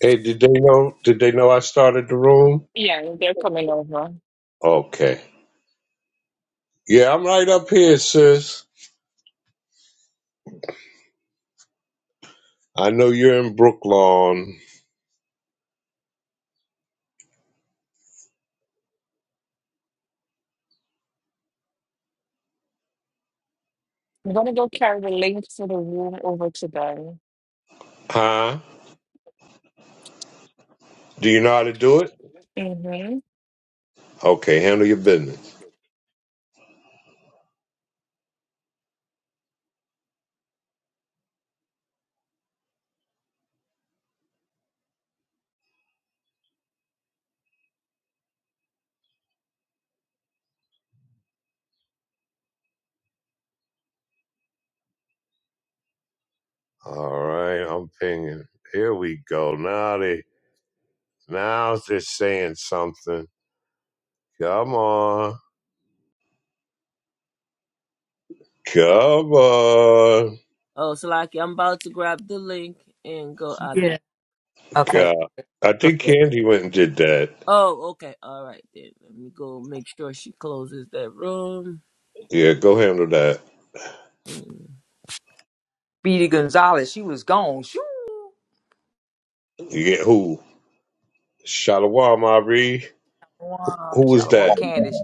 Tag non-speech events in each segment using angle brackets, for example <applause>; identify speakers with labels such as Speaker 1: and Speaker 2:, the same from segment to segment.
Speaker 1: Hey, did they know? Did they know I started the room?
Speaker 2: Yeah, they're coming over.
Speaker 1: Okay. Yeah, I'm right up here, sis. I know you're in Brooklawn.
Speaker 2: I'm gonna go carry the link to the room over to them.
Speaker 1: Huh? Do you know how to do it?
Speaker 2: Mm-hmm.
Speaker 1: Okay, handle your business. All right, I'm pinging. Here we go. Now they now they're saying something. Come on. Come on.
Speaker 3: Oh, Salaki, I'm about to grab the link and go. I'll be.
Speaker 4: Yeah. Okay,
Speaker 1: God. I
Speaker 4: good.
Speaker 1: think Candy went and did that.
Speaker 3: Oh, okay. All right, then. Let me go make sure she closes that room.
Speaker 1: Yeah, go handle that.
Speaker 3: Mm.
Speaker 4: Speedy Gonzalez, she was gone. Shoo.
Speaker 1: Yeah, who? Shalawam Ari.
Speaker 4: Shalom,
Speaker 1: Who was
Speaker 4: shalom,
Speaker 1: that?
Speaker 4: Candace.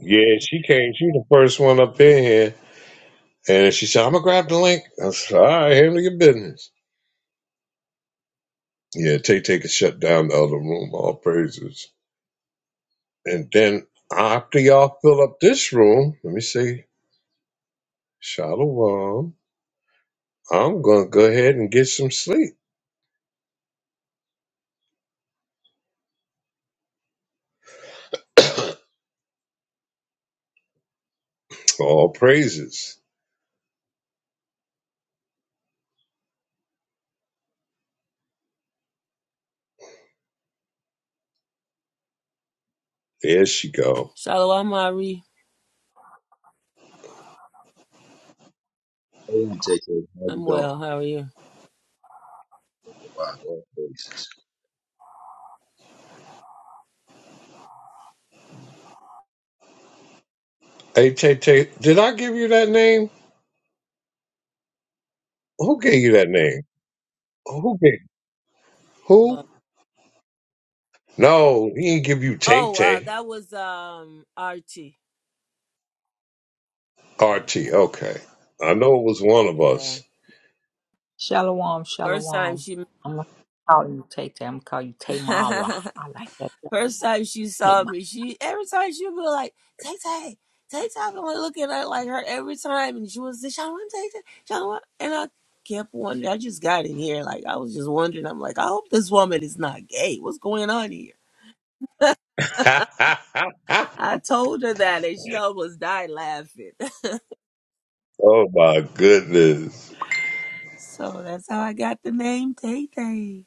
Speaker 1: Yeah, she came. She the first one up in here, and she said, "I'm gonna grab the link." I said, "All right, handle your business." Yeah, Tay Tay could shut down the other room. All praises. And then after y'all fill up this room, let me see, Shalom. I'm gonna go ahead and get some sleep. <coughs> all praises. There she go.
Speaker 3: Shalom, Ari.
Speaker 5: Hey, JK, how you
Speaker 3: I'm
Speaker 5: doing?
Speaker 3: well. How are you?
Speaker 5: Wow, all praises.
Speaker 1: Hey Tay Tay, did I give you that name? Who gave you that name? Who gave? Who?
Speaker 3: But,
Speaker 1: No, he didn't give you Tay
Speaker 3: oh, uh,
Speaker 1: Tay.
Speaker 3: that was um Archie. Right.
Speaker 1: Archie, okay. I know it was one of
Speaker 3: Yeah.
Speaker 1: us.
Speaker 4: Shalom,
Speaker 3: First time
Speaker 4: shalom.
Speaker 3: she.
Speaker 4: I'm gonna call you Tay Tay. I'm gonna call you Tamara.
Speaker 3: <laughs>
Speaker 4: I like that.
Speaker 3: First time she saw
Speaker 4: Tamara.
Speaker 3: me, she every time she would be like, Tay Tay, Tay Tay, I want to look at her like her every time, and she was say, Sean, what Tay Tay, Sean, what? And I kept wondering. I just got in here, like I was just wondering. I'm like, I hope this woman is not gay. What's going on here?
Speaker 1: <laughs>
Speaker 3: I told her that, and she almost died laughing. <laughs>
Speaker 1: Oh my goodness.
Speaker 3: so that's how I got the name Tay Tay.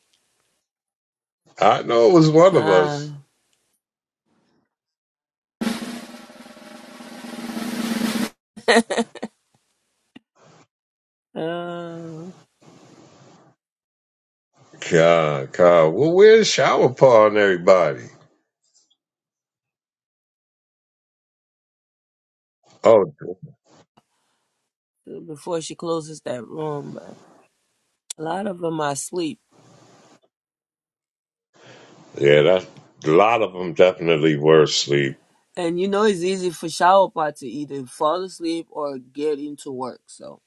Speaker 1: I know it was one of us.
Speaker 3: Con. Uh,
Speaker 1: God, God. Well, where's shower paw and everybody? Oh,
Speaker 3: before she closes that room, but a lot of them I sleep.
Speaker 1: yeah, that a lot of them definitely were asleep.
Speaker 3: And you know it's easy for Shawapot to either fall asleep or get into work. So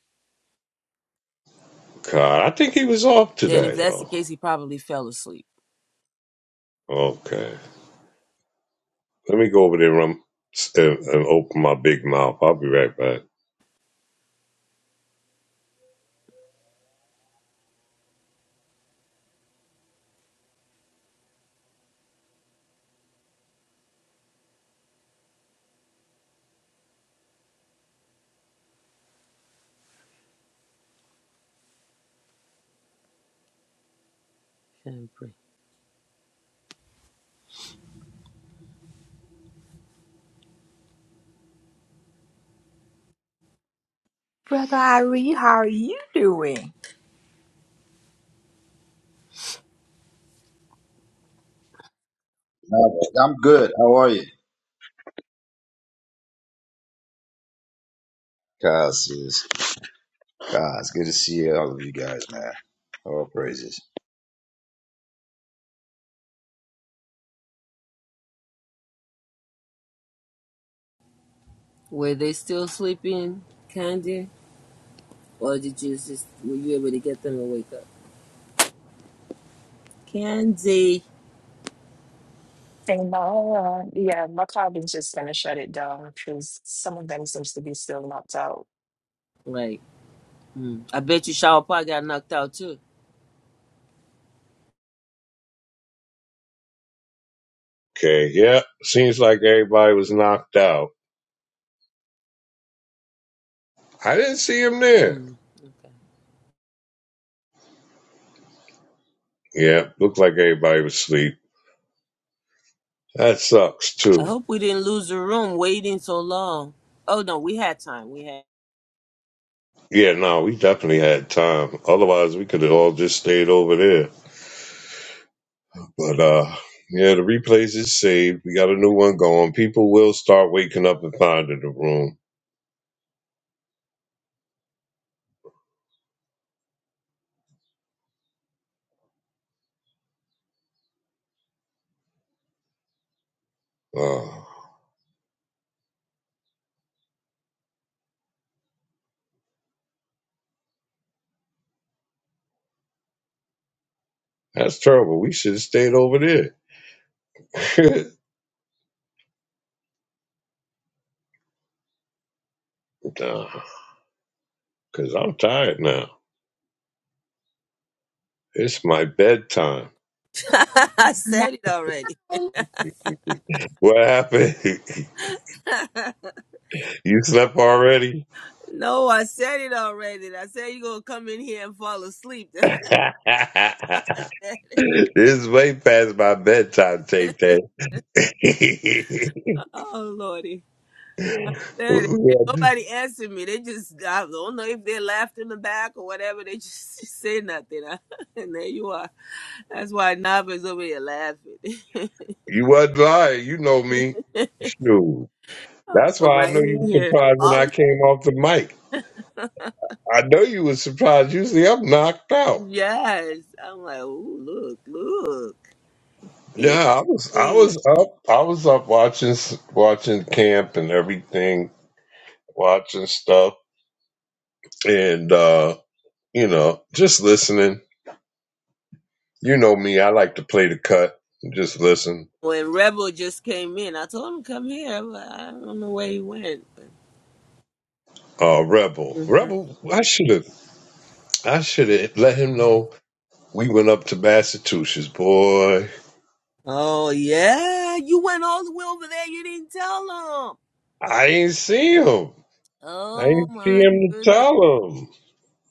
Speaker 1: God, I think he was off
Speaker 3: then if
Speaker 1: today,
Speaker 3: that's the
Speaker 1: though.
Speaker 3: case, he probably fell asleep.
Speaker 1: Okay. Let me go over there and, and, and open my big mouth. I'll be right back.
Speaker 3: Can I pray.
Speaker 4: Brother Irie, how are you doing?
Speaker 5: No, I'm good. How are you? Kaz is Kaz. It's Good to see all of you guys, man. All praises.
Speaker 3: Were they still sleeping, Candy? Or did you just were you able to get them to wake up? Candy.
Speaker 2: And now, uh, yeah, my club is just gonna shut it down because some of them seems to be still knocked out.
Speaker 3: Like, mm. I bet you Shawapot got knocked out too.
Speaker 1: Okay, yeah, seems like everybody was knocked out. I didn't see him there.
Speaker 3: Mm.
Speaker 1: Yeah, looked like everybody was asleep. That sucks
Speaker 3: I
Speaker 1: too.
Speaker 3: hope we didn't lose the room waiting so long. Oh no, we had time. We had
Speaker 1: Yeah, no, we definitely had time. Otherwise, we could have all just stayed over there. But uh, yeah, the replays is saved. We got a new one going. People will start waking up and finding the room. Uh, that's terrible. We should have stayed over there. <laughs> nah, cause I'm tired now. It's my bedtime.
Speaker 3: <laughs> I said it already.
Speaker 1: What happened?
Speaker 3: <laughs>
Speaker 1: <laughs> you slept already?
Speaker 3: no, I said it already. I said you're gonna come in here and fall asleep.
Speaker 1: <laughs>
Speaker 3: <laughs>
Speaker 1: this is way past my bedtime, Tay Tay. <laughs>
Speaker 3: Oh Lordy.
Speaker 1: Yeah,
Speaker 3: That is, nobody answered me. They just I don't know if they laughed in the back or whatever. They just, <laughs> just say nothing. <laughs> and there you are. That's why Nava's over here laughing. <laughs>
Speaker 1: you wasn't lying. You know me. Shoot.
Speaker 3: I'll
Speaker 1: That's
Speaker 3: come
Speaker 1: why I
Speaker 3: right
Speaker 1: know
Speaker 3: in
Speaker 1: you were
Speaker 3: here.
Speaker 1: surprised when
Speaker 3: All
Speaker 1: I
Speaker 3: of it.
Speaker 1: came off the mic. I know you was surprised. Usually I'm knocked out.
Speaker 3: Yes. I'm like, ooh, look, look. Yes,
Speaker 1: Yeah, I was I
Speaker 3: please.
Speaker 1: was up. I was up watching s- watching camp and everything, watching stuff and uh, you know, just listening. You know me, I like to play the cut and just listen.
Speaker 3: When Rebel just came in, I told him come here, but I don't know where he went. But...
Speaker 1: Uh Rebel.
Speaker 3: Mhm.
Speaker 1: Rebel, I should have I should have let him know we went up to Massachusetts, boy.
Speaker 3: Oh yeah, you went all the way over there. You didn't tell him.
Speaker 1: I ain't see him. I
Speaker 3: Oh
Speaker 1: ain't see
Speaker 3: my
Speaker 1: him to
Speaker 3: goodness.
Speaker 1: tell him.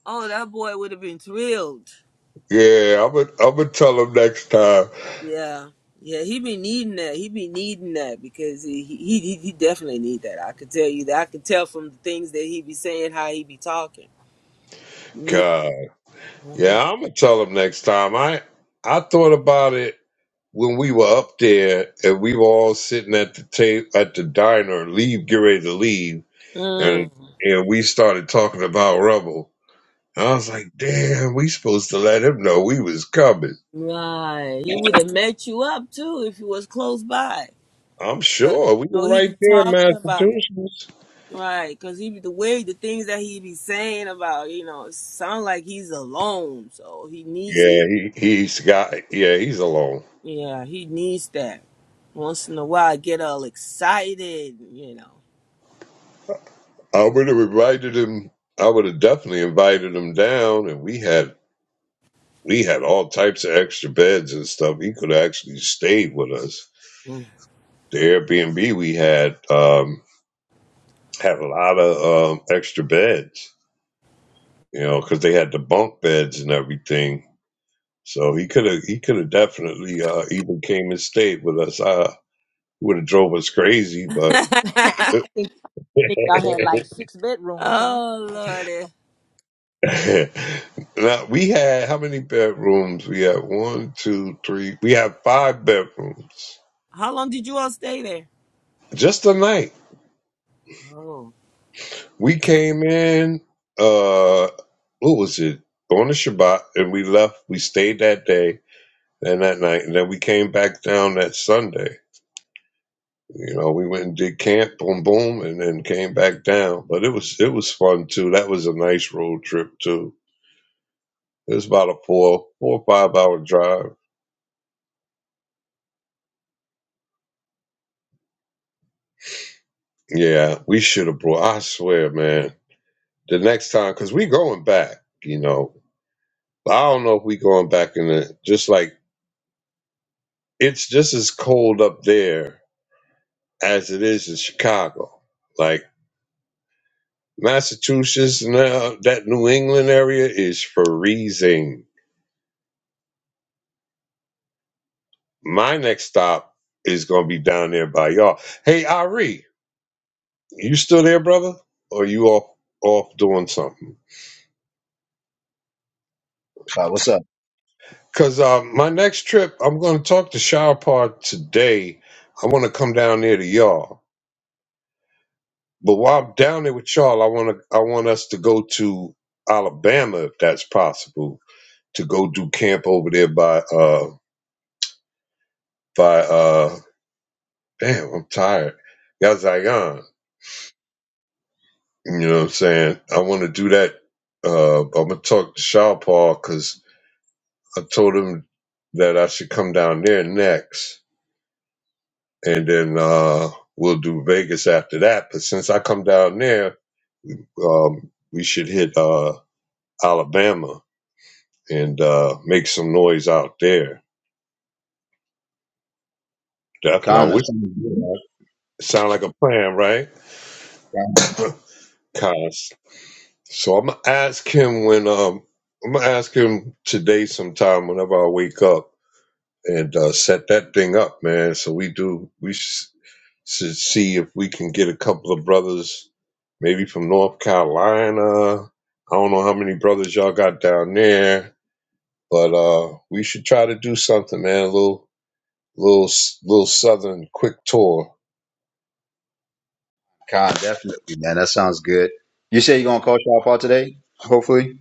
Speaker 3: Oh, that boy would have been thrilled.
Speaker 1: Yeah, I'm gonna I'm gonna tell him next time.
Speaker 3: Yeah. Yeah, he be needing that. He be needing that because he he he, he definitely need that. I could tell you that. I could tell from the things that he be saying, how he be talking. Need.
Speaker 1: God,
Speaker 3: Mhm.
Speaker 1: yeah, I'm gonna tell him next time. I I thought about it when we were up there and we were all sitting at the table at the diner, leave, get ready to leave,
Speaker 3: Mm,
Speaker 1: and and we started talking about Rebel. And I was like, damn, we supposed to let him know we was coming.
Speaker 3: right. He would have met you up too if he was close by.
Speaker 1: I'm
Speaker 3: 'Cause, you
Speaker 1: sure we
Speaker 3: know,
Speaker 1: were
Speaker 3: he be
Speaker 1: right there in
Speaker 3: talking about
Speaker 1: Massachusetts.
Speaker 3: right because he be the way the things that he be saying about you know it sound like he's alone. So he needs.
Speaker 1: Yeah, he he's got yeah, he's alone.
Speaker 3: Yeah, he needs that. Once in a while, I get all excited, you know.
Speaker 1: I would have invited him. I would have definitely invited him down, and we had we had all types of extra beds and stuff. He could have actually stayed with us. The Airbnb we had um, had a lot of um, extra beds, you know, because they had the bunk beds and everything. So he could have he could have definitely uh, even came and stayed with us. I would have drove us crazy, but
Speaker 4: <laughs>
Speaker 3: Mm.
Speaker 4: I think, I think y'all had like six
Speaker 3: <laughs>
Speaker 4: bedrooms, huh?
Speaker 3: oh,
Speaker 4: That's
Speaker 3: Lordy.
Speaker 1: <laughs> now we had how many bedrooms? We had one, two, three. We had five bedrooms.
Speaker 3: How long did you all stay there?
Speaker 1: Just the night
Speaker 3: Oh.
Speaker 1: we came in. Uh, what was it? Going to Shabbat, and we left. We stayed that day and that night, and then we came back down that Sunday. You know, we went and did camp, boom, boom, and then came back down. But it was it was fun too. That was a nice road trip too. It was about a four four or five hour drive. Yeah, we should have brought. I swear, man the next time because we going back you know i don't know if we going back in the just like it's just as cold up there as it is in chicago like massachusetts now that new england area is freezing my next stop is gonna be down there by y'all hey ari you still there brother or you off off doing something
Speaker 5: Uh, what's up,
Speaker 1: because uh, my next trip i'm gonna talk to shower today i want to come down there to y'all But while I'm down there with y'all, I want to I want us to go to Alabama if that's possible to go do camp over there by uh by uh damn I'm tired Yazion. You know what I'm saying? I want to do that. Uh, I'm gonna talk to Shaw Paul because I told him that I should come down there next, and then uh we'll do Vegas after that. But since I come down there, um, we should hit uh Alabama and uh, make some noise out there. Definitely. I
Speaker 5: Khan?
Speaker 1: wish
Speaker 5: That sounds good. Man.
Speaker 1: it sound like a plan, right?
Speaker 5: Khan,
Speaker 1: <laughs> Cos. So I'm gonna ask him when um I'm gonna ask him today sometime whenever I wake up and uh, set that thing up, man. So we do we sh- should see if we can get a couple of brothers, maybe from North Carolina. I don't know how many brothers y'all got down there, but uh we should try to do something, man. A little little s- little southern quick tour
Speaker 5: Khan, definitely, man. That sounds good. You say you're gonna call Shop out today? Hopefully.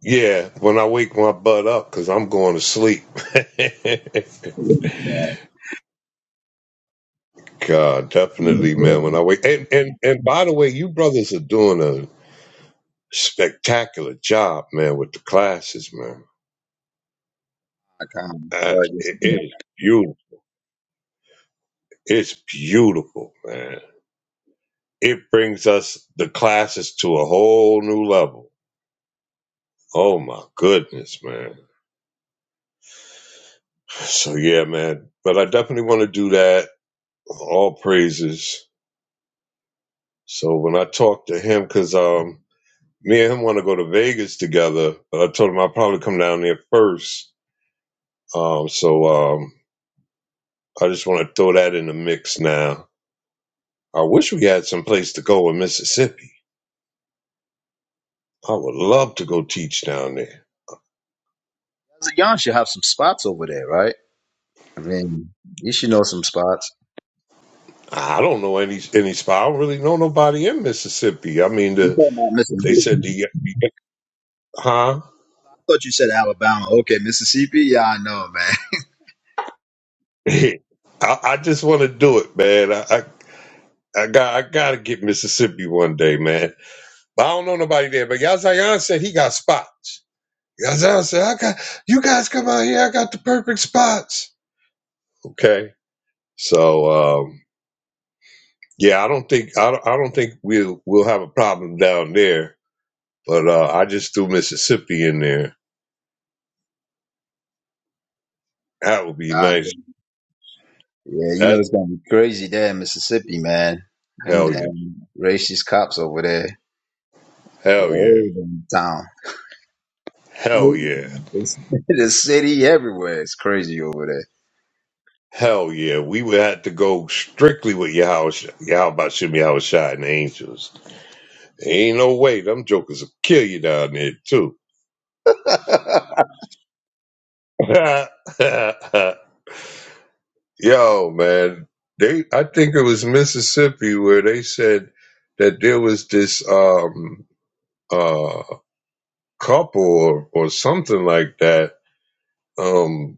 Speaker 1: Yeah, when I wake my butt up, cause I'm going to sleep.
Speaker 5: Yeah,
Speaker 1: <laughs> God, definitely, man. When I wake, and and and by the way, you brothers are doing a spectacular job, man, with the classes, man.
Speaker 5: Khan.
Speaker 1: Uh,
Speaker 5: But this
Speaker 1: it, it is beautiful. It's beautiful, man. It brings us the classes to a whole new level. Oh my goodness, man. So yeah, man. But I definitely want to do that. All praises. So when I talk to him, cause um. me and him want to go to Vegas together, but I told him I'll probably come down there first. Um, so um, I just want to throw that in the mix now. I wish we had some place to go in Mississippi. I would love to go teach down there.
Speaker 5: Zion should have some spots over there, right? I mean, you should know some spots.
Speaker 1: I don't know any any spot. I don't really know nobody in Mississippi. I mean,
Speaker 5: You
Speaker 1: the,
Speaker 5: talking about
Speaker 1: they
Speaker 5: Mississippi?
Speaker 1: said the huh.
Speaker 5: I thought you said Alabama. Okay, Mississippi. Yeah, I know, man.
Speaker 1: <laughs> I, I just want to do it, man. I, I I got I gotta get Mississippi one day, man. But I don't know nobody there. But Yazayan said he got spots. That's how I said, I got you guys come out here. I got the perfect spots. Okay, so um, yeah, I don't think I don't, I don't think we'll we'll have a problem down there. But uh, I just threw Mississippi in there. That would be
Speaker 5: <laughs>
Speaker 1: nice.
Speaker 5: Yeah, you know
Speaker 1: That
Speaker 5: it's gonna be crazy there in Mississippi, man. Them
Speaker 1: hell yeah,
Speaker 5: damn racist cops over there.
Speaker 1: hell yeah,
Speaker 5: All over the town.
Speaker 1: hell yeah,
Speaker 5: It's, <laughs> the city everywhere. It's crazy over there.
Speaker 1: hell yeah. We would have to go strictly with Yahusha, How about Shimmy Shot and the Angels. Ain't no way them jokers will kill you down there too.
Speaker 5: <laughs> I
Speaker 1: <laughs> Yo, man, they I think it was Mississippi where they said that there was this um uh couple or, or something like that. Um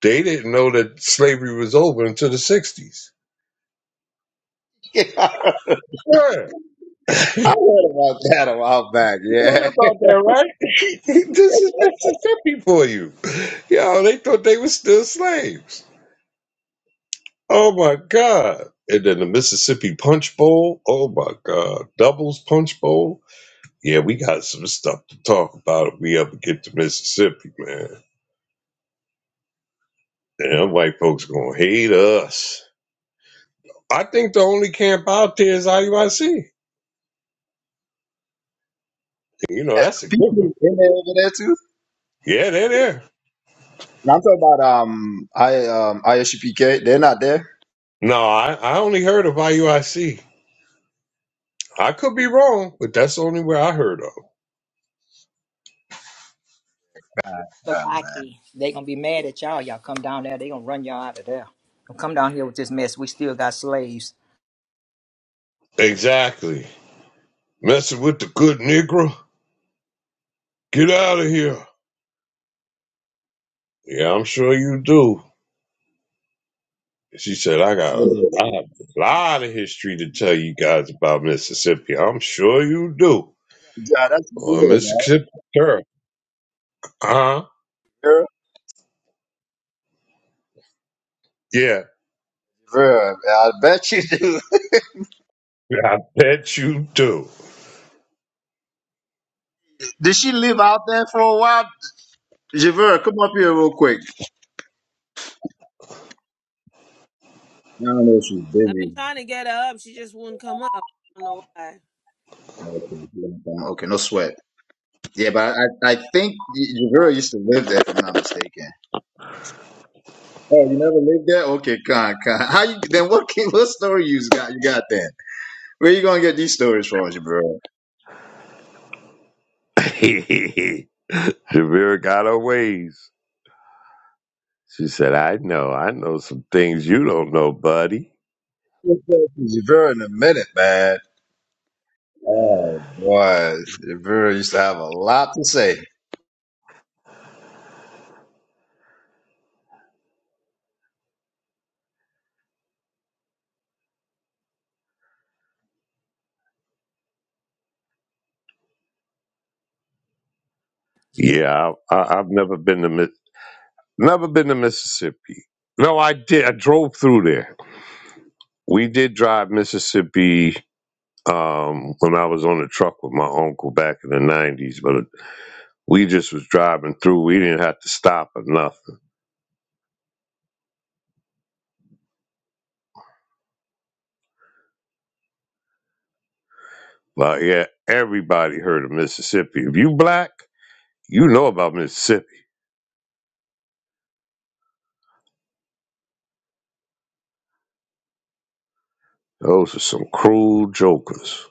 Speaker 1: they didn't know that slavery was over until the sixties. Yeah,
Speaker 5: heard about that a while back,
Speaker 1: you heard
Speaker 5: yeah.
Speaker 1: about that, right? <laughs> this is Mississippi for you. Yo, they thought they were still slaves. Oh my god. And then the Mississippi Punch Bowl. Oh my god. Doubles Punch Bowl. Yeah, we got some stuff to talk about if we ever get to Mississippi, man. Damn, white folks gonna hate us. I think the only camp out there is IUIC. You
Speaker 5: <laughs>
Speaker 1: know,
Speaker 5: yeah
Speaker 1: that's a good
Speaker 5: people
Speaker 1: one.
Speaker 5: in there over there too.
Speaker 1: Yeah, they're there.
Speaker 5: And I'm talking about um I um ISUPK, they're not there.
Speaker 1: No, I, I only heard of IUIC. I C. I could be wrong, but that's the only way I heard of.
Speaker 4: so
Speaker 5: Yeah,
Speaker 4: lucky. They gonna be mad at y'all. Y'all come down there. They gonna run y'all out of there. Don't come down here with this mess. We still got slaves. <laughs>
Speaker 1: Exactly. Messing with the good Negro? Get out of here. Yeah, I'm sure you do. She said, I got a, I have a lot of history to tell you guys about Mississippi. I'm sure you do.
Speaker 5: yeah that's good,
Speaker 1: Well, Mr.
Speaker 5: man.
Speaker 1: Shapiro, huh?
Speaker 5: Vera,
Speaker 1: Yeah,
Speaker 5: Vera, I bet you do.
Speaker 1: I bet you do.
Speaker 5: <laughs> Did she live out there for a while? Javera, come up here real quick. I don't know if she's
Speaker 3: I've been
Speaker 5: busy.
Speaker 3: trying to get her up. She just wouldn't come up. I don't know why.
Speaker 5: Okay, no sweat. Yeah, but I, I think Javira used to live there, if I'm not mistaken. Oh, you never lived there? Okay, con, con. How you then? What ki- what story you got? You got then? Where you gonna get these stories from, Javira?
Speaker 1: <laughs> Shavira got her ways. She said, I know. I know some things you don't know, buddy.
Speaker 5: Javira in a minute, man. Oh, Boy, Javira used to have a lot to say.
Speaker 1: Yeah, I, I, I've never been to Mi- never been to Mississippi. No, I did. I drove through there. We did drive Mississippi um, when I was on the truck with my uncle back in the 90s, but we just was driving through. We didn't have to stop or nothing. Well, yeah, everybody heard of Mississippi. If you black, you know about Mississippi. Those are some cruel jokers.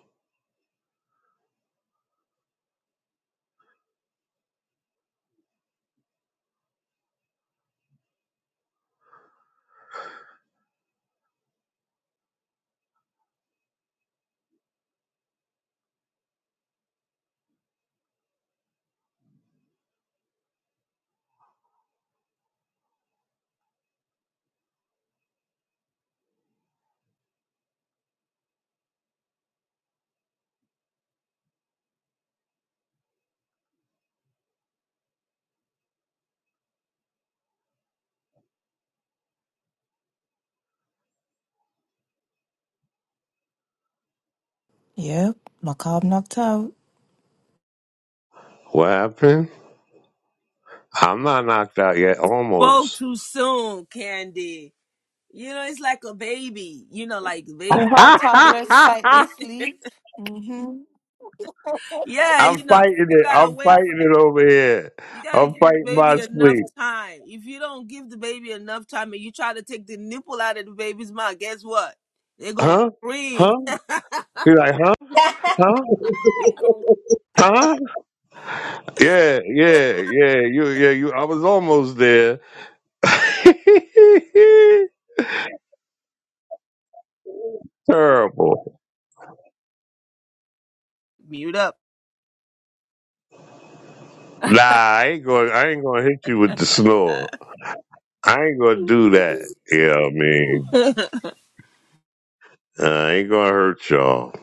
Speaker 2: Yep, macabre knocked out.
Speaker 1: What happened? I'm not knocked out yet.
Speaker 3: Spoke
Speaker 1: Almost.
Speaker 3: too soon, Candy. You know, it's like a baby. You know, like
Speaker 1: <laughs>
Speaker 2: Oh,
Speaker 3: babies.
Speaker 2: how
Speaker 1: I'm
Speaker 3: go to
Speaker 2: toddlers fight their
Speaker 3: sleep.
Speaker 2: sleep. Mm-hmm.
Speaker 3: <laughs> yeah, you know,
Speaker 1: fighting
Speaker 3: you
Speaker 1: it.
Speaker 3: gotta
Speaker 1: I'm
Speaker 3: wait
Speaker 1: fighting it over here.
Speaker 3: You gotta
Speaker 1: I'm
Speaker 3: give the
Speaker 1: fighting
Speaker 3: baby
Speaker 1: my
Speaker 3: enough
Speaker 1: sleep.
Speaker 3: time. If you don't give the baby enough time and you try to take the nipple out of the baby's mouth, guess what? They're gonna
Speaker 1: Huh?
Speaker 3: scream.
Speaker 1: Huh? You're like, huh? Huh? Huh? Yeah, yeah, yeah. You, yeah, you. I was almost there. <laughs> Terrible.
Speaker 3: Mute up.
Speaker 1: Nah, I ain't going. I ain't going to hit you with the snore. I ain't going to do that. You know what I mean? Uh, I ain't going to hurt y'all.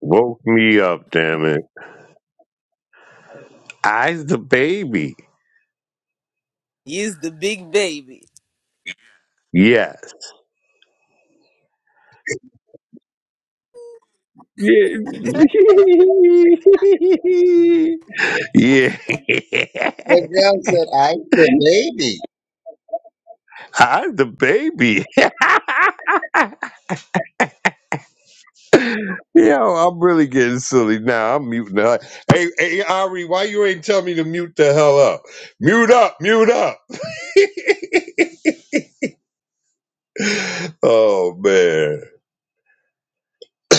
Speaker 1: Woke me up, damn it. I's the baby.
Speaker 3: He's the big baby.
Speaker 1: Yes. Yeah. <laughs> yeah.
Speaker 5: the girl said, "I the baby."
Speaker 1: I's the baby. <laughs> Yo, I'm really getting silly now. I'm muting up. Hey, hey, Ari, why you ain't tell me to mute the hell up? Mute up, mute up. <laughs> oh man.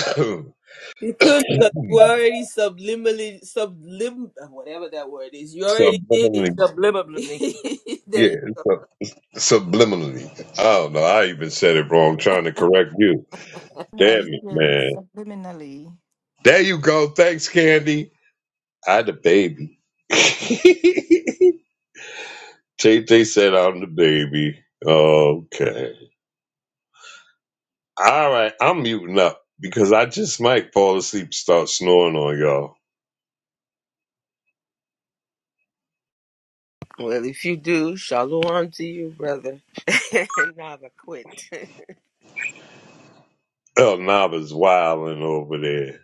Speaker 1: <clears throat>
Speaker 3: You couldn't because you already subliminally sublim whatever that word is. You already did
Speaker 1: subliminally.
Speaker 4: Subliminally.
Speaker 3: it. <laughs> there
Speaker 1: Yeah,
Speaker 3: you-
Speaker 1: sub- subliminally. I don't know. I even said it wrong trying to correct you.
Speaker 2: No,
Speaker 1: Damn
Speaker 2: you
Speaker 1: it,
Speaker 2: did
Speaker 1: man.
Speaker 2: subliminally.
Speaker 1: There you go. Thanks, Candy. I the baby. <laughs> JJ said I'm the baby. Okay. All right. I'm muting up because I just might fall asleep and start snoring on y'all.
Speaker 3: well, if you do, shalom to you, brother. <laughs> And now I quit. <laughs>
Speaker 1: El Nava's wilding over there.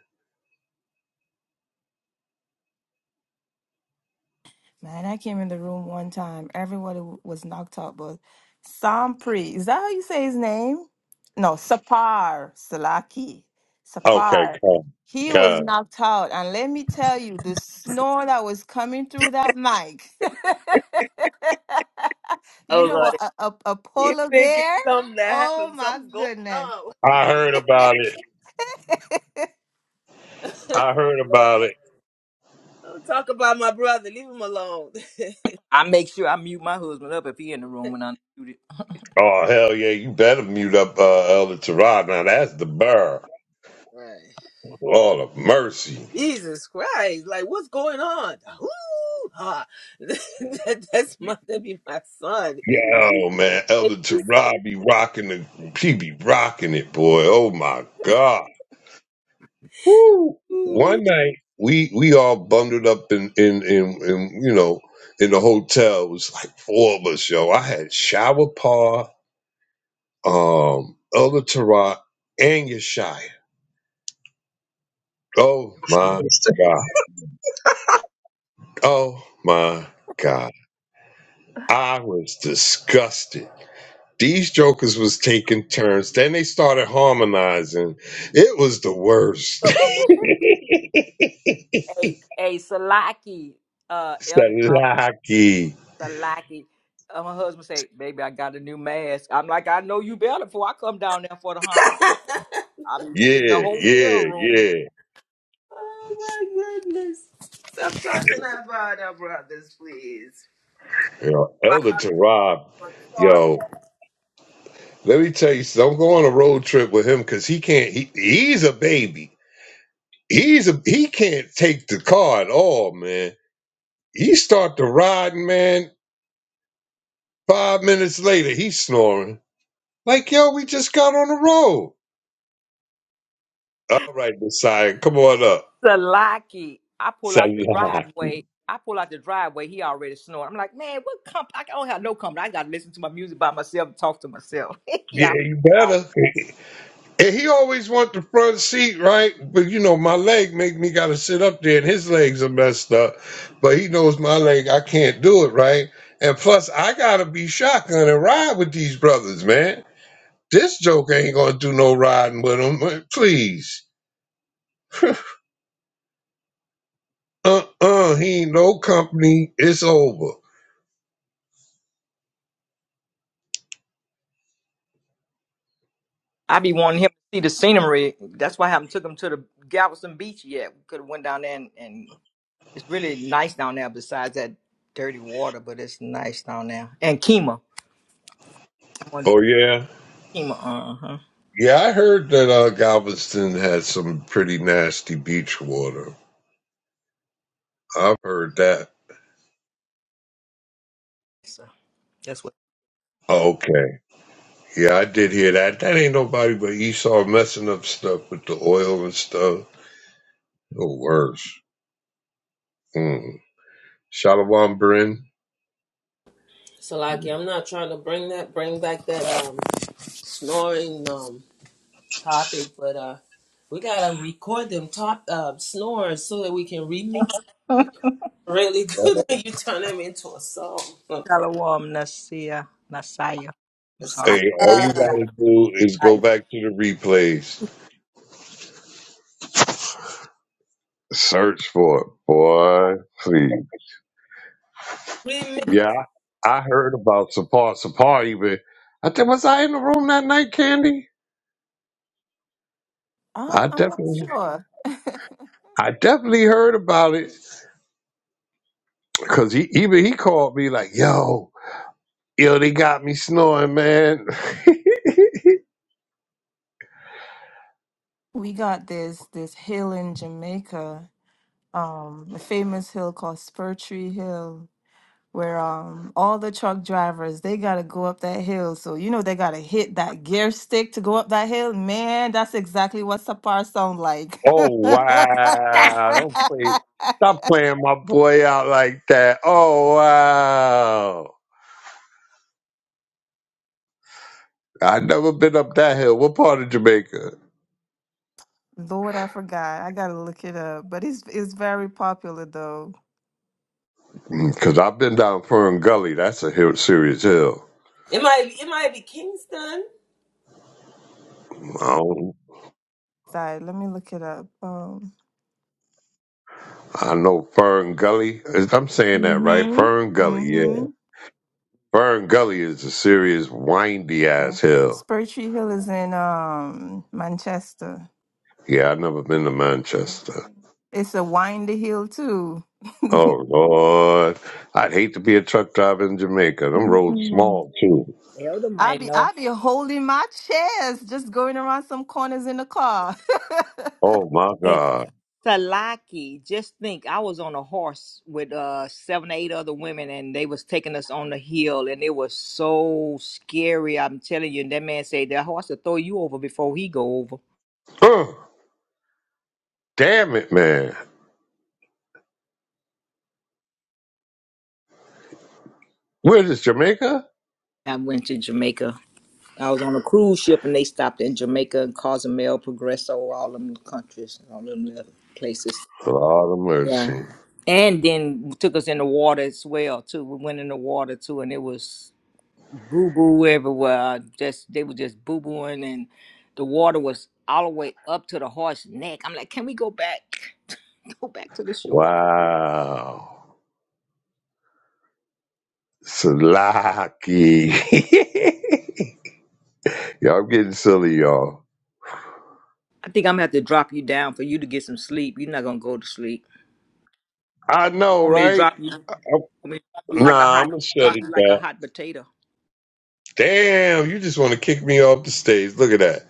Speaker 2: Man, I came in the room one time. Everybody w- was knocked out, but Sampri, is that how you say his name? No, Sapar Salaki.
Speaker 1: Okay,
Speaker 2: Sapar.
Speaker 1: come.
Speaker 2: He was
Speaker 1: God.
Speaker 2: knocked out. And let me tell you, the snore that was coming through that mic. <laughs> you
Speaker 3: oh
Speaker 2: know,
Speaker 3: Lord,
Speaker 2: a, a, a
Speaker 3: you
Speaker 2: polar
Speaker 3: think it's
Speaker 2: bear?
Speaker 3: something that
Speaker 2: Oh
Speaker 3: happened?
Speaker 2: my
Speaker 3: Something going
Speaker 2: goodness.
Speaker 3: on.
Speaker 1: I heard about it. I heard
Speaker 3: <laughs> Lord.
Speaker 1: about it.
Speaker 3: Don't talk about my brother. Leave him alone. <laughs>
Speaker 4: I make sure I mute my husband up if he in the room when I'm muted.
Speaker 1: Oh hell yeah! You better mute up uh, Elder Tarab. Now that's the burr.
Speaker 3: Right.
Speaker 1: Lord of mercy.
Speaker 3: Jesus Christ! Like, what's going on? Ooh, ah. <laughs> that, that's my that'd be my son. If He-
Speaker 1: Yo man,
Speaker 3: takes
Speaker 1: Elder
Speaker 3: this
Speaker 1: Tarab be rocking the. She be rocking it, boy. Oh my god. Woo.
Speaker 3: food.
Speaker 1: One night we we all bundled up in in in, in you know in the hotel. It was like four of us, yo. I had Shower Par, um, Elder Tarab, and Yeshaya. Oh my god. Oh my god. I was disgusted. These jokers was taking turns. Then they started harmonizing. It was the worst.
Speaker 4: Hey, hey, Salaki, uh,
Speaker 1: <laughs>
Speaker 4: Elder Carl
Speaker 1: Salaki.
Speaker 4: Salaki. Uh, my husband say, "Baby, I got a new mask." I'm like, "I know you better." Before I come down there for the hunt, I be
Speaker 1: Yeah,
Speaker 4: in the hotel
Speaker 1: yeah,
Speaker 4: room.
Speaker 1: yeah.
Speaker 3: Oh my goodness! Stop talking about our brothers, please.
Speaker 1: You know, Elder Tarab, yo, let me tell you, don't go on a road trip with him because he can't. He, he's a baby. He's a he can't take the car at all, man. He start the riding, man. Five minutes later, he's snoring. Like, yo, we just got on the road. All right, Messiah, come on up.
Speaker 4: Salaki, I pull
Speaker 1: Say
Speaker 4: out the
Speaker 1: hi. <laughs>
Speaker 4: driveway. I pull out the driveway. He already snoring. I'm like, "Man, what company? I don't have no company. I got to listen to my music by myself and talk to myself." <laughs>
Speaker 1: Yeah,
Speaker 4: yeah.
Speaker 1: you better. And he always want the front seat, right? But you know, my leg make me gotta sit up there, and his legs are messed up. But he knows my leg, I can't do it, right? And plus, I gotta be shotgun and ride with these brothers, man. This joke ain't gonna do no riding with him, please. Uh, uh, he ain't no company. It's over.
Speaker 4: I be wanting him to see the scenery. That's why I haven't took him to the Galveston Beach yet. We could have went down there and, and it's really nice down there. Besides that dirty water, but it's nice down there. And Kima, I want
Speaker 1: Oh yeah.
Speaker 4: Kima. Uh huh.
Speaker 1: Yeah, I heard that uh, Galveston had some pretty nasty beach water. I've heard that.
Speaker 4: So that's what.
Speaker 1: Oh, Okay. Yeah, I did hear that. That ain't nobody but Esau messing up stuff with the oil and stuff. Or worse. Mm. Shalom, Bryn.
Speaker 3: Salaki, I'm not trying to bring that bring back that um snoring um topic, but uh we gotta record them top uh snores so that we can remix. really good when you turn them into a song. from
Speaker 4: Shalom Nasia Nasaya. I'm
Speaker 3: Prophesy.
Speaker 4: sorry.
Speaker 1: Hey, all you
Speaker 3: Uh,
Speaker 1: gotta do is go
Speaker 4: Nasaya.
Speaker 1: back to the replays. Search for it, boy. Please. Yeah, I I heard about Sapar. Sapar even. I think was I in the room that night, Candy?
Speaker 2: Um,
Speaker 1: I
Speaker 2: I'm not
Speaker 1: definitely,
Speaker 2: sure. <laughs>
Speaker 1: I definitely heard about it because he even he called me like, "Yo, Yo, they got me snoring, man.
Speaker 2: we got this this hill in Jamaica um a famous hill called Spurtree Hill where um all the truck drivers they gotta go up that hill. So you know they gotta hit that gear stick to go up that hill. Man, that's exactly what Sapar sound like.
Speaker 1: <laughs> oh wow! Don't play.
Speaker 2: <laughs>
Speaker 1: Stop playing my boy out like that. Oh wow! I never been up that hill. What part of Jamaica?
Speaker 2: Lord, I forgot. I gotta look it up. But it's it's very popular though.
Speaker 1: Because I've been down Fern Gully. That's a hill, serious hill.
Speaker 3: It might be, it might be Kingston.
Speaker 1: I, don't,
Speaker 2: Sorry, let me look it up. Um
Speaker 1: I know Fern Gully. Is- I'm saying that right.
Speaker 2: Mm-hmm.
Speaker 1: Fern Gully, yeah.
Speaker 2: Mm-hmm.
Speaker 1: Fern Gully is a serious windy ass hill.
Speaker 2: Spurtree Hill is in um Manchester.
Speaker 1: Yeah, I've never been to Manchester.
Speaker 2: It's a windy hill too.
Speaker 1: Oh Lord, I'd hate to be a truck driver in Jamaica. Them roads
Speaker 2: Mm-mm.
Speaker 1: small too.
Speaker 4: Elder
Speaker 2: I
Speaker 4: might
Speaker 2: be
Speaker 4: know.
Speaker 2: I be holding my chest, just going around some corners in the car.
Speaker 1: Oh
Speaker 2: <laughs>
Speaker 1: my God.
Speaker 4: Salaki, just think I was on a horse with uh seven eight other women and they was taking us on the hill and it was so scary. I'm telling you, and that man said that horse will throw you over before he go over.
Speaker 1: Ugh, damn it, man. Where is this, Jamaica?
Speaker 4: I went to Jamaica. I was on a cruise ship and they stopped in Jamaica and Cozumel, Progreso, all them countries, all them other places.
Speaker 1: Lord of
Speaker 4: Yeah.
Speaker 1: mercy.
Speaker 4: And then took us in the water as well too. We went in the water too and it was boo boo everywhere. I just they were just boo booing, and the water was all the way up to the horse's neck. I'm like, can we go back? <laughs> Go back to the shore.
Speaker 1: Wow. Slacky. <laughs> y'all I'm getting silly, y'all.
Speaker 4: I think I'm gonna have to drop you down for you to get some sleep. You're not gonna go to sleep.
Speaker 1: I know,
Speaker 4: Want me to
Speaker 1: right?
Speaker 4: drop you? Want
Speaker 1: I'm-
Speaker 4: me to drop you like a
Speaker 1: nah, I'm
Speaker 4: hot
Speaker 1: gonna shut
Speaker 4: drop
Speaker 1: it
Speaker 4: you like a
Speaker 1: down.
Speaker 4: hot potato?
Speaker 1: Damn, you just want to kick me off the stage. Look at that.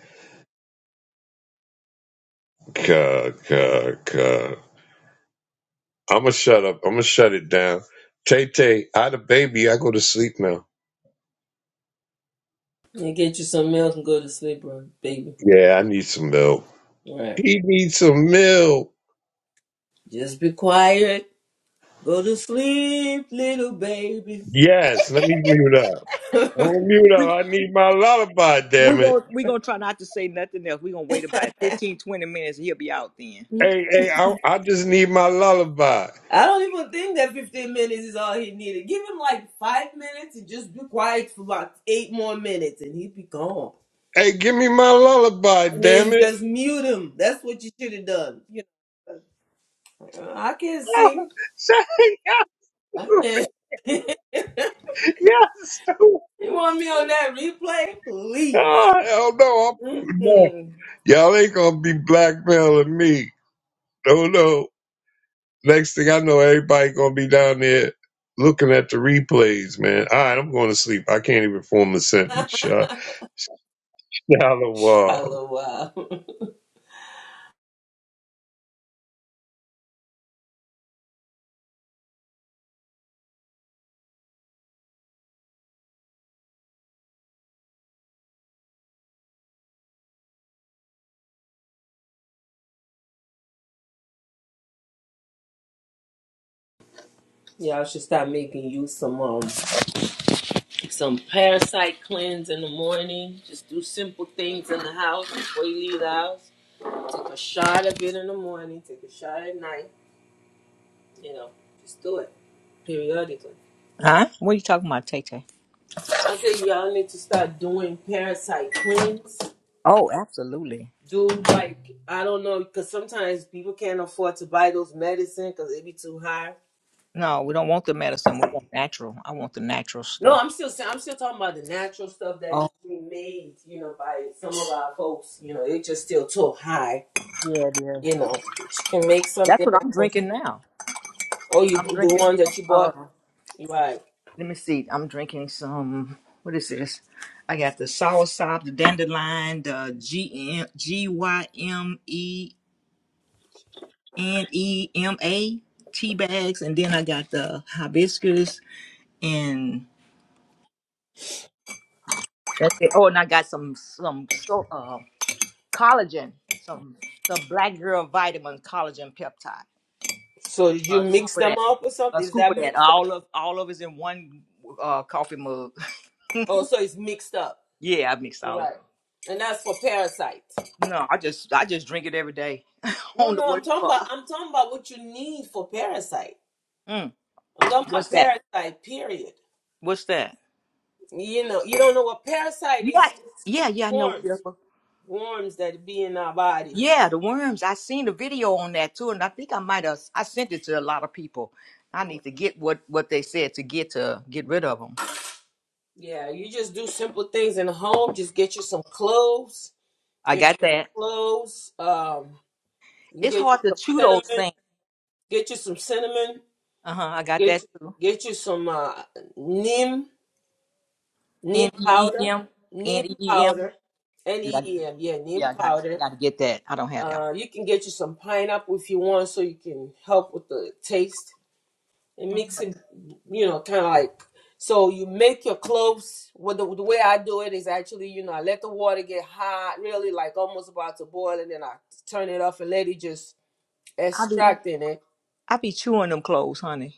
Speaker 1: God, God, God. I'm gonna shut up. I'm gonna shut it down. Tay Tay, I the baby. I go to sleep now.
Speaker 3: And get you some milk and go to sleep, bro, baby.
Speaker 1: Yeah, I need some milk.
Speaker 3: All right.
Speaker 1: He needs some milk.
Speaker 3: Just be quiet. Go to sleep, little baby.
Speaker 1: Yes, let me mute up.
Speaker 3: <laughs>
Speaker 1: I'm
Speaker 3: I
Speaker 1: gonna mute up.
Speaker 4: We
Speaker 1: I need my lullaby.
Speaker 4: we
Speaker 1: Damn it.
Speaker 4: gonna we gonna try not to say nothing else. We gonna wait about fifteen twenty 20 minutes. He'll be out then.
Speaker 1: Hey, hey, I, I just need my lullaby.
Speaker 3: don't even think that 15 minutes is all he needed. Give him like five minutes and just be quiet for about eight more minutes and he'd be gone.
Speaker 1: Hey, give me my lullaby.
Speaker 3: And then
Speaker 1: Damn
Speaker 3: you
Speaker 1: it.
Speaker 3: just mute him. That's what you should have done. You know, I can't
Speaker 1: Oh,
Speaker 3: sing.
Speaker 1: say-
Speaker 3: I
Speaker 1: <laughs>
Speaker 3: can't. <laughs>
Speaker 1: yes.
Speaker 3: You want me on that replay? Please.
Speaker 1: Oh, hell no. I'm, no.
Speaker 3: Mm-mm.
Speaker 1: Y'all ain't gonna be blackmailing me. No, no. Next thing I know, everybody gonna be down there looking at the replays, man. All right, I'm going to sleep. I can't even form a sentence. Uh,
Speaker 3: <laughs>
Speaker 1: <laughs> Shalom.
Speaker 3: Shallow wow. Y'all should start making use some um some parasite cleanse in the morning. Just do simple things in the house before you leave the house. Take a shot of it in the morning, take a shot at night, you know. Just do it periodically.
Speaker 4: Huh? What are you talking about, Tay Tay?
Speaker 3: I think y'all need to start doing parasite cleanse.
Speaker 4: Oh, absolutely.
Speaker 3: Do like I don't know, because sometimes people can't afford to buy those medicine because they be too high.
Speaker 4: No, we don't want the medicine. We want natural. I want the natural
Speaker 3: No,
Speaker 4: stuff.
Speaker 3: I'm still sa- I'm still talking about the natural stuff that is being made, you know, by some of our folks. You know, it's just still too high.
Speaker 4: Yeah, it is.
Speaker 3: You know, she can make
Speaker 4: That's
Speaker 3: something.
Speaker 4: what I'm
Speaker 3: else.
Speaker 4: drinking now.
Speaker 3: Oh, you
Speaker 4: I'm
Speaker 3: the
Speaker 4: drinking.
Speaker 3: one
Speaker 4: Um,
Speaker 3: that you
Speaker 4: uh,
Speaker 3: bought, right?
Speaker 4: let me see. I'm drinking some. What is this? I got the soursop, the dandelion, the G M G Y M E N E M A tea bags, and then I got the hibiscus and that's it. Oh, and I got some some so uh collagen, some some black girl vitamin collagen peptide.
Speaker 3: So did you
Speaker 4: A scoop
Speaker 3: mix
Speaker 4: of
Speaker 3: them
Speaker 4: that.
Speaker 3: up or
Speaker 4: A
Speaker 3: something? Is
Speaker 4: scoop of
Speaker 3: that
Speaker 4: that.
Speaker 3: mixed up?
Speaker 4: All of all of it's in one uh coffee mug. <laughs>
Speaker 3: Oh, so it's mixed up,
Speaker 4: Yeah, I mix all of.
Speaker 3: right? And that's for parasite.
Speaker 4: No, I just I just drink it every day. <laughs> I
Speaker 3: No,
Speaker 4: don't know
Speaker 3: no,
Speaker 4: what
Speaker 3: I'm
Speaker 4: it's
Speaker 3: talking
Speaker 4: for.
Speaker 3: about I'm talking about what you need for parasite.
Speaker 4: Mm,
Speaker 3: I'm talking
Speaker 4: what's
Speaker 3: about
Speaker 4: that?
Speaker 3: parasite. Period.
Speaker 4: What's that?
Speaker 3: You know, you don't know what parasite
Speaker 4: Yeah,
Speaker 3: is.
Speaker 4: yeah, yeah. I know. what
Speaker 3: It's
Speaker 4: it's for.
Speaker 3: worms that be in our bodies.
Speaker 4: Yeah, the worms. I seen the video on that too, and I think I might have I sent it to a lot of people. I need to get what what they said to get to get rid of them.
Speaker 3: Yeah, you just do simple things in the home. Just get you some cloves.
Speaker 4: I
Speaker 3: Get
Speaker 4: got that.
Speaker 3: you cloves. Um, you can
Speaker 4: It's
Speaker 3: get you
Speaker 4: hard to
Speaker 3: some
Speaker 4: chew those
Speaker 3: cinnamon.
Speaker 4: things.
Speaker 3: Get you some cinnamon.
Speaker 4: Uh huh. I got that
Speaker 3: Get
Speaker 4: too.
Speaker 3: get you some uh, neem neem
Speaker 4: N e e
Speaker 3: powder.
Speaker 4: m
Speaker 3: Neem
Speaker 4: n e e m.
Speaker 3: powder. N
Speaker 4: Yeah,
Speaker 3: e
Speaker 4: I-
Speaker 3: e m. Yeah,
Speaker 4: yeah.
Speaker 3: neem
Speaker 4: I got I
Speaker 3: powder.
Speaker 4: got to get that. I don't have that.
Speaker 3: Uh, you can get you some pineapple if you want, so you can help with the taste. and mix it, you know, kind of like so you make your clothes. Well, the, the way I do it is actually, you know, I let the water get hot, really like almost about to boil, and then I turn it off and let it just
Speaker 4: I be
Speaker 3: extract in it.
Speaker 4: I be chewing them clothes, honey.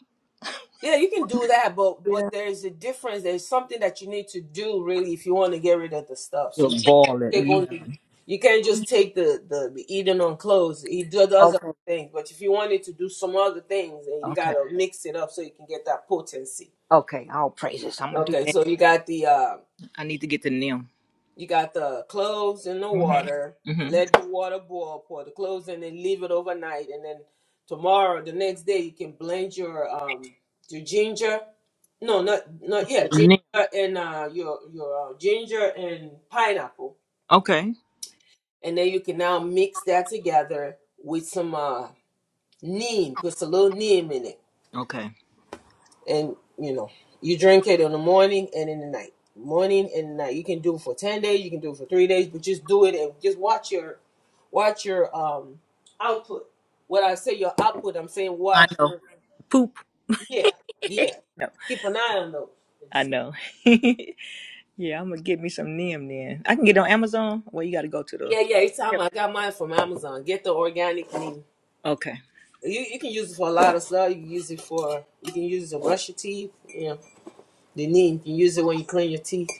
Speaker 3: Yeah, you can do that, but but there's a difference. There's something that you need to do really if you want to get rid of the stuff.
Speaker 4: You're
Speaker 3: So you can't
Speaker 4: balling.
Speaker 3: take
Speaker 4: You
Speaker 3: only you can't just take the the, the eating on clothes. It do- does other
Speaker 4: Okay,
Speaker 3: things, but if you wanted to do some other things, then you
Speaker 4: okay,
Speaker 3: gotta mix it up so you can get that potency.
Speaker 4: okay. All praises. I'm gonna do
Speaker 3: Okay,
Speaker 4: that.
Speaker 3: so you got the uh,
Speaker 4: I need to get the nim.
Speaker 3: you got the clothes in the
Speaker 4: Mhm,
Speaker 3: water.
Speaker 4: mhm.
Speaker 3: Let the water boil. Pour the clothes in and leave it overnight. And then tomorrow, the next day, you can blend your um your ginger. No, not not yeah,
Speaker 4: The nim.
Speaker 3: ginger and uh your your uh, ginger and pineapple.
Speaker 4: Okay,
Speaker 3: And then you can now mix that together with some uh neem. Put a little neem in it
Speaker 4: okay.
Speaker 3: and you know you drink it in the morning and in the night morning and night you can do it for 10 days you can do it for three days but just do it and just watch your watch your um output when i say your output i'm saying
Speaker 4: I
Speaker 3: watch
Speaker 4: know.
Speaker 3: your
Speaker 4: Poop.
Speaker 3: yeah
Speaker 4: <laughs>
Speaker 3: yeah
Speaker 4: no,
Speaker 3: keep an eye on
Speaker 4: I
Speaker 3: those
Speaker 4: know. <laughs> yeah, I'm gonna get me some nim then. I can get it on Amazon. Well, you gotta go to the.
Speaker 3: yeah yeah each time
Speaker 4: Yep.
Speaker 3: i got mine from amazon get the organic and
Speaker 4: Okay.
Speaker 3: you, you can use it for a lot of stuff you can use it for you can use it to brush your teeth yeah the knee you can use it when you clean your teeth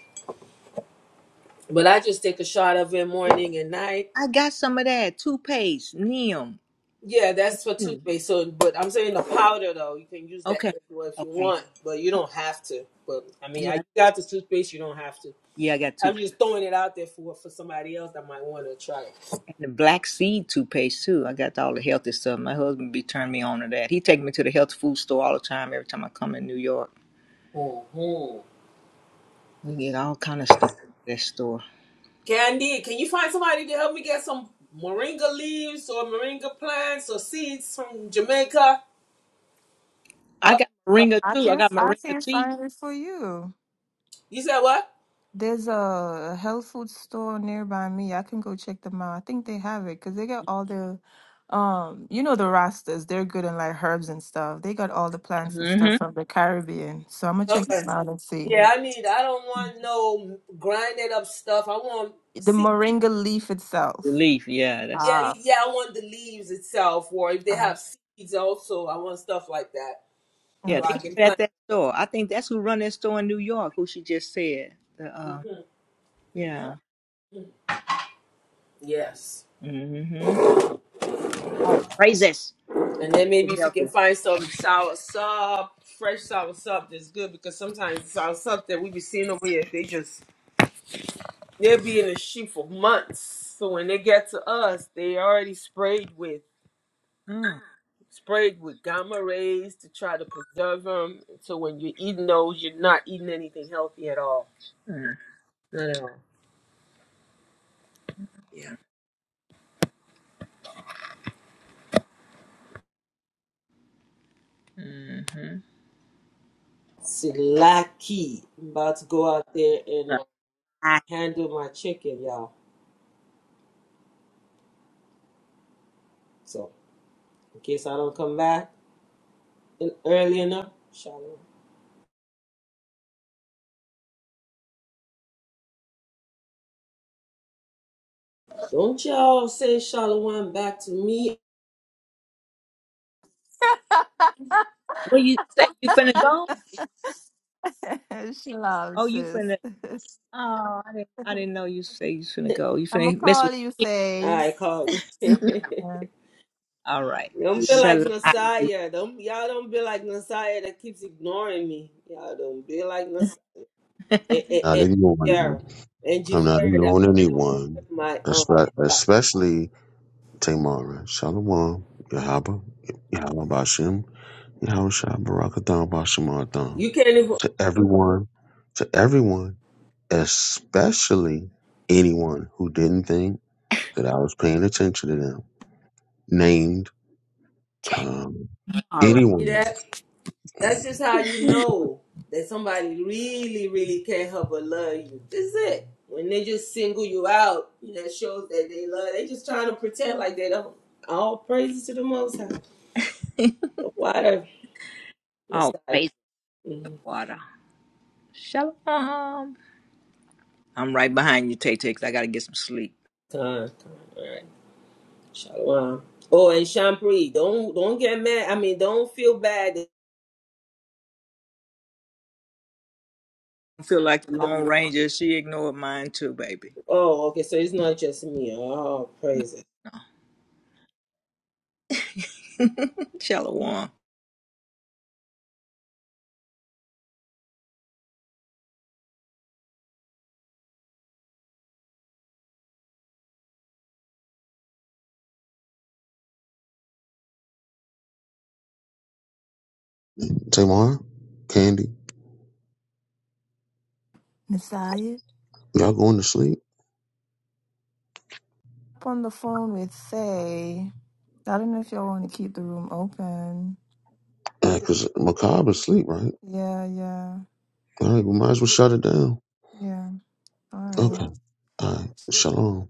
Speaker 3: but i just take a shot of it
Speaker 4: Wait,
Speaker 3: morning and night
Speaker 4: I got some of that toothpaste nim.
Speaker 3: Yeah, that's for
Speaker 4: Mm.
Speaker 3: toothpaste. So, but I'm saying the powder though, you can use that
Speaker 4: Okay,
Speaker 3: if you if you
Speaker 4: okay.
Speaker 3: want, but you don't have to. But I mean, I you
Speaker 4: Yeah,
Speaker 3: got the toothpaste, you don't have to.
Speaker 4: yeah. I got toothpaste.
Speaker 3: I'm just throwing it out there for for somebody else that might want to try it.
Speaker 4: And the black seed toothpaste too. I got all the healthy stuff. My husband be turning me on to that. He take me to the health food store all the time. Every time I come in New York,
Speaker 3: hmm
Speaker 4: we get all kind of stuff at that store.
Speaker 3: Candy, can you find somebody to help me get some moringa leaves or moringa plants or seeds from Jamaica?
Speaker 4: I
Speaker 3: My-
Speaker 4: got moringa
Speaker 2: I
Speaker 4: too. I
Speaker 2: can
Speaker 4: got
Speaker 2: I
Speaker 4: moringa
Speaker 2: can
Speaker 4: tea.
Speaker 2: find it for you.
Speaker 3: You said what?
Speaker 2: There's a health food store nearby me. I can go check them out. I think they have it because they got all the, um, you know the Rastas. They're good in like herbs and stuff. They got all the plants and
Speaker 4: Mm-hmm.
Speaker 2: stuff from the Caribbean. So I'm gonna check
Speaker 3: Okay.
Speaker 2: them out and see
Speaker 3: Yeah, I need. I don't want no grinded up stuff. I want.
Speaker 2: the moringa leaf itself.
Speaker 4: Relief. Yeah, that's
Speaker 3: Yeah,
Speaker 2: Ah,
Speaker 3: yeah, I want the leaves itself, or if they
Speaker 2: ah,
Speaker 3: have seeds also, I want stuff like that
Speaker 4: yeah.
Speaker 3: so
Speaker 2: okay.
Speaker 3: I
Speaker 4: They have
Speaker 3: can
Speaker 4: it at
Speaker 3: plant.
Speaker 4: that store. I think that's who run that store in New York. Who she just said. The uh,
Speaker 3: Mhm.
Speaker 4: yeah.
Speaker 3: Yes.
Speaker 4: Mm-hmm. Oh, praises.
Speaker 3: And then maybe
Speaker 4: Get
Speaker 3: if you can
Speaker 4: healthy.
Speaker 3: find some sour sub, fresh sour sub, that's good because sometimes the sour sub that we be seeing over here, they just they'll be in a sheet for months. So when they get to us, they already sprayed with
Speaker 4: Oh.
Speaker 3: sprayed with gamma rays to try to preserve them. So when you're eating those, you're not eating anything healthy at all.
Speaker 4: Mm-hmm.
Speaker 3: Not at all. Silaki. I'm about to go out there and uh, handle my chicken, y'all. So, in case I don't come back in early enough, shalom. Don't y'all say shalom back to me.
Speaker 4: Where you say you finna go?
Speaker 2: <laughs> she
Speaker 4: Oh,
Speaker 2: loves
Speaker 4: you
Speaker 2: sis.
Speaker 4: finna. Oh, I didn't,
Speaker 2: <laughs>
Speaker 4: I didn't know you say you finna go. You
Speaker 2: I'm gonna
Speaker 4: finna mess
Speaker 2: call
Speaker 4: with.
Speaker 2: you Faye.
Speaker 3: I call me. <laughs>
Speaker 4: <laughs>
Speaker 2: Yeah.
Speaker 4: All right.
Speaker 3: don't be like
Speaker 4: Shalom. <laughs>
Speaker 3: Messiah. Don't y'all don't be like Messiah that keeps ignoring me. Y'all don't be like Messiah and
Speaker 6: Not
Speaker 3: and and
Speaker 6: ignoring them.
Speaker 3: Javier and
Speaker 6: I'm
Speaker 3: Javier
Speaker 6: not
Speaker 3: that
Speaker 6: ignoring
Speaker 3: will not
Speaker 6: anyone,
Speaker 3: accept my um
Speaker 6: espe-
Speaker 3: invite.
Speaker 6: especially Tamara. Shalom, Yahaba, Yahaba Bashim, Yahusha, Barakathon,
Speaker 3: You
Speaker 6: Bashimarathon.
Speaker 3: can't even
Speaker 6: To everyone, to everyone, especially anyone who didn't think that I was paying attention to them, named um,
Speaker 4: All right.
Speaker 3: do
Speaker 6: anyone.
Speaker 3: that. That's just how you know that somebody really, really can't help but love you. This is it. When they just single you out, you know, that shows that they love. They just trying to pretend like they don't. All praises to the Most High, the Water
Speaker 4: Oh,
Speaker 3: Messiah.
Speaker 4: praise the
Speaker 3: Mm-hmm.
Speaker 4: water. Shalom. I'm right behind you, Tay Tay, 'cause I gotta get some sleep.
Speaker 3: Time, time. All right, Shalom. Oh, and Shampri, don't don't get mad. I mean, don't feel bad. That
Speaker 4: I feel like the
Speaker 3: love
Speaker 4: Lone
Speaker 3: you.
Speaker 4: Ranger. She ignored mine too, baby.
Speaker 3: Oh, okay. So it's not just me. Oh, praises.
Speaker 4: <laughs> Shalom.
Speaker 6: Tamara, Candy,
Speaker 2: Messiah
Speaker 6: y'all going to sleep?
Speaker 2: up on the phone with Faye. I don't know if y'all want to keep the room open.
Speaker 6: Because Macabre is asleep, right?
Speaker 2: Yeah, yeah,
Speaker 6: All right, we might as well shut it down.
Speaker 2: yeah. All right.
Speaker 6: Okay. Uh, shalom.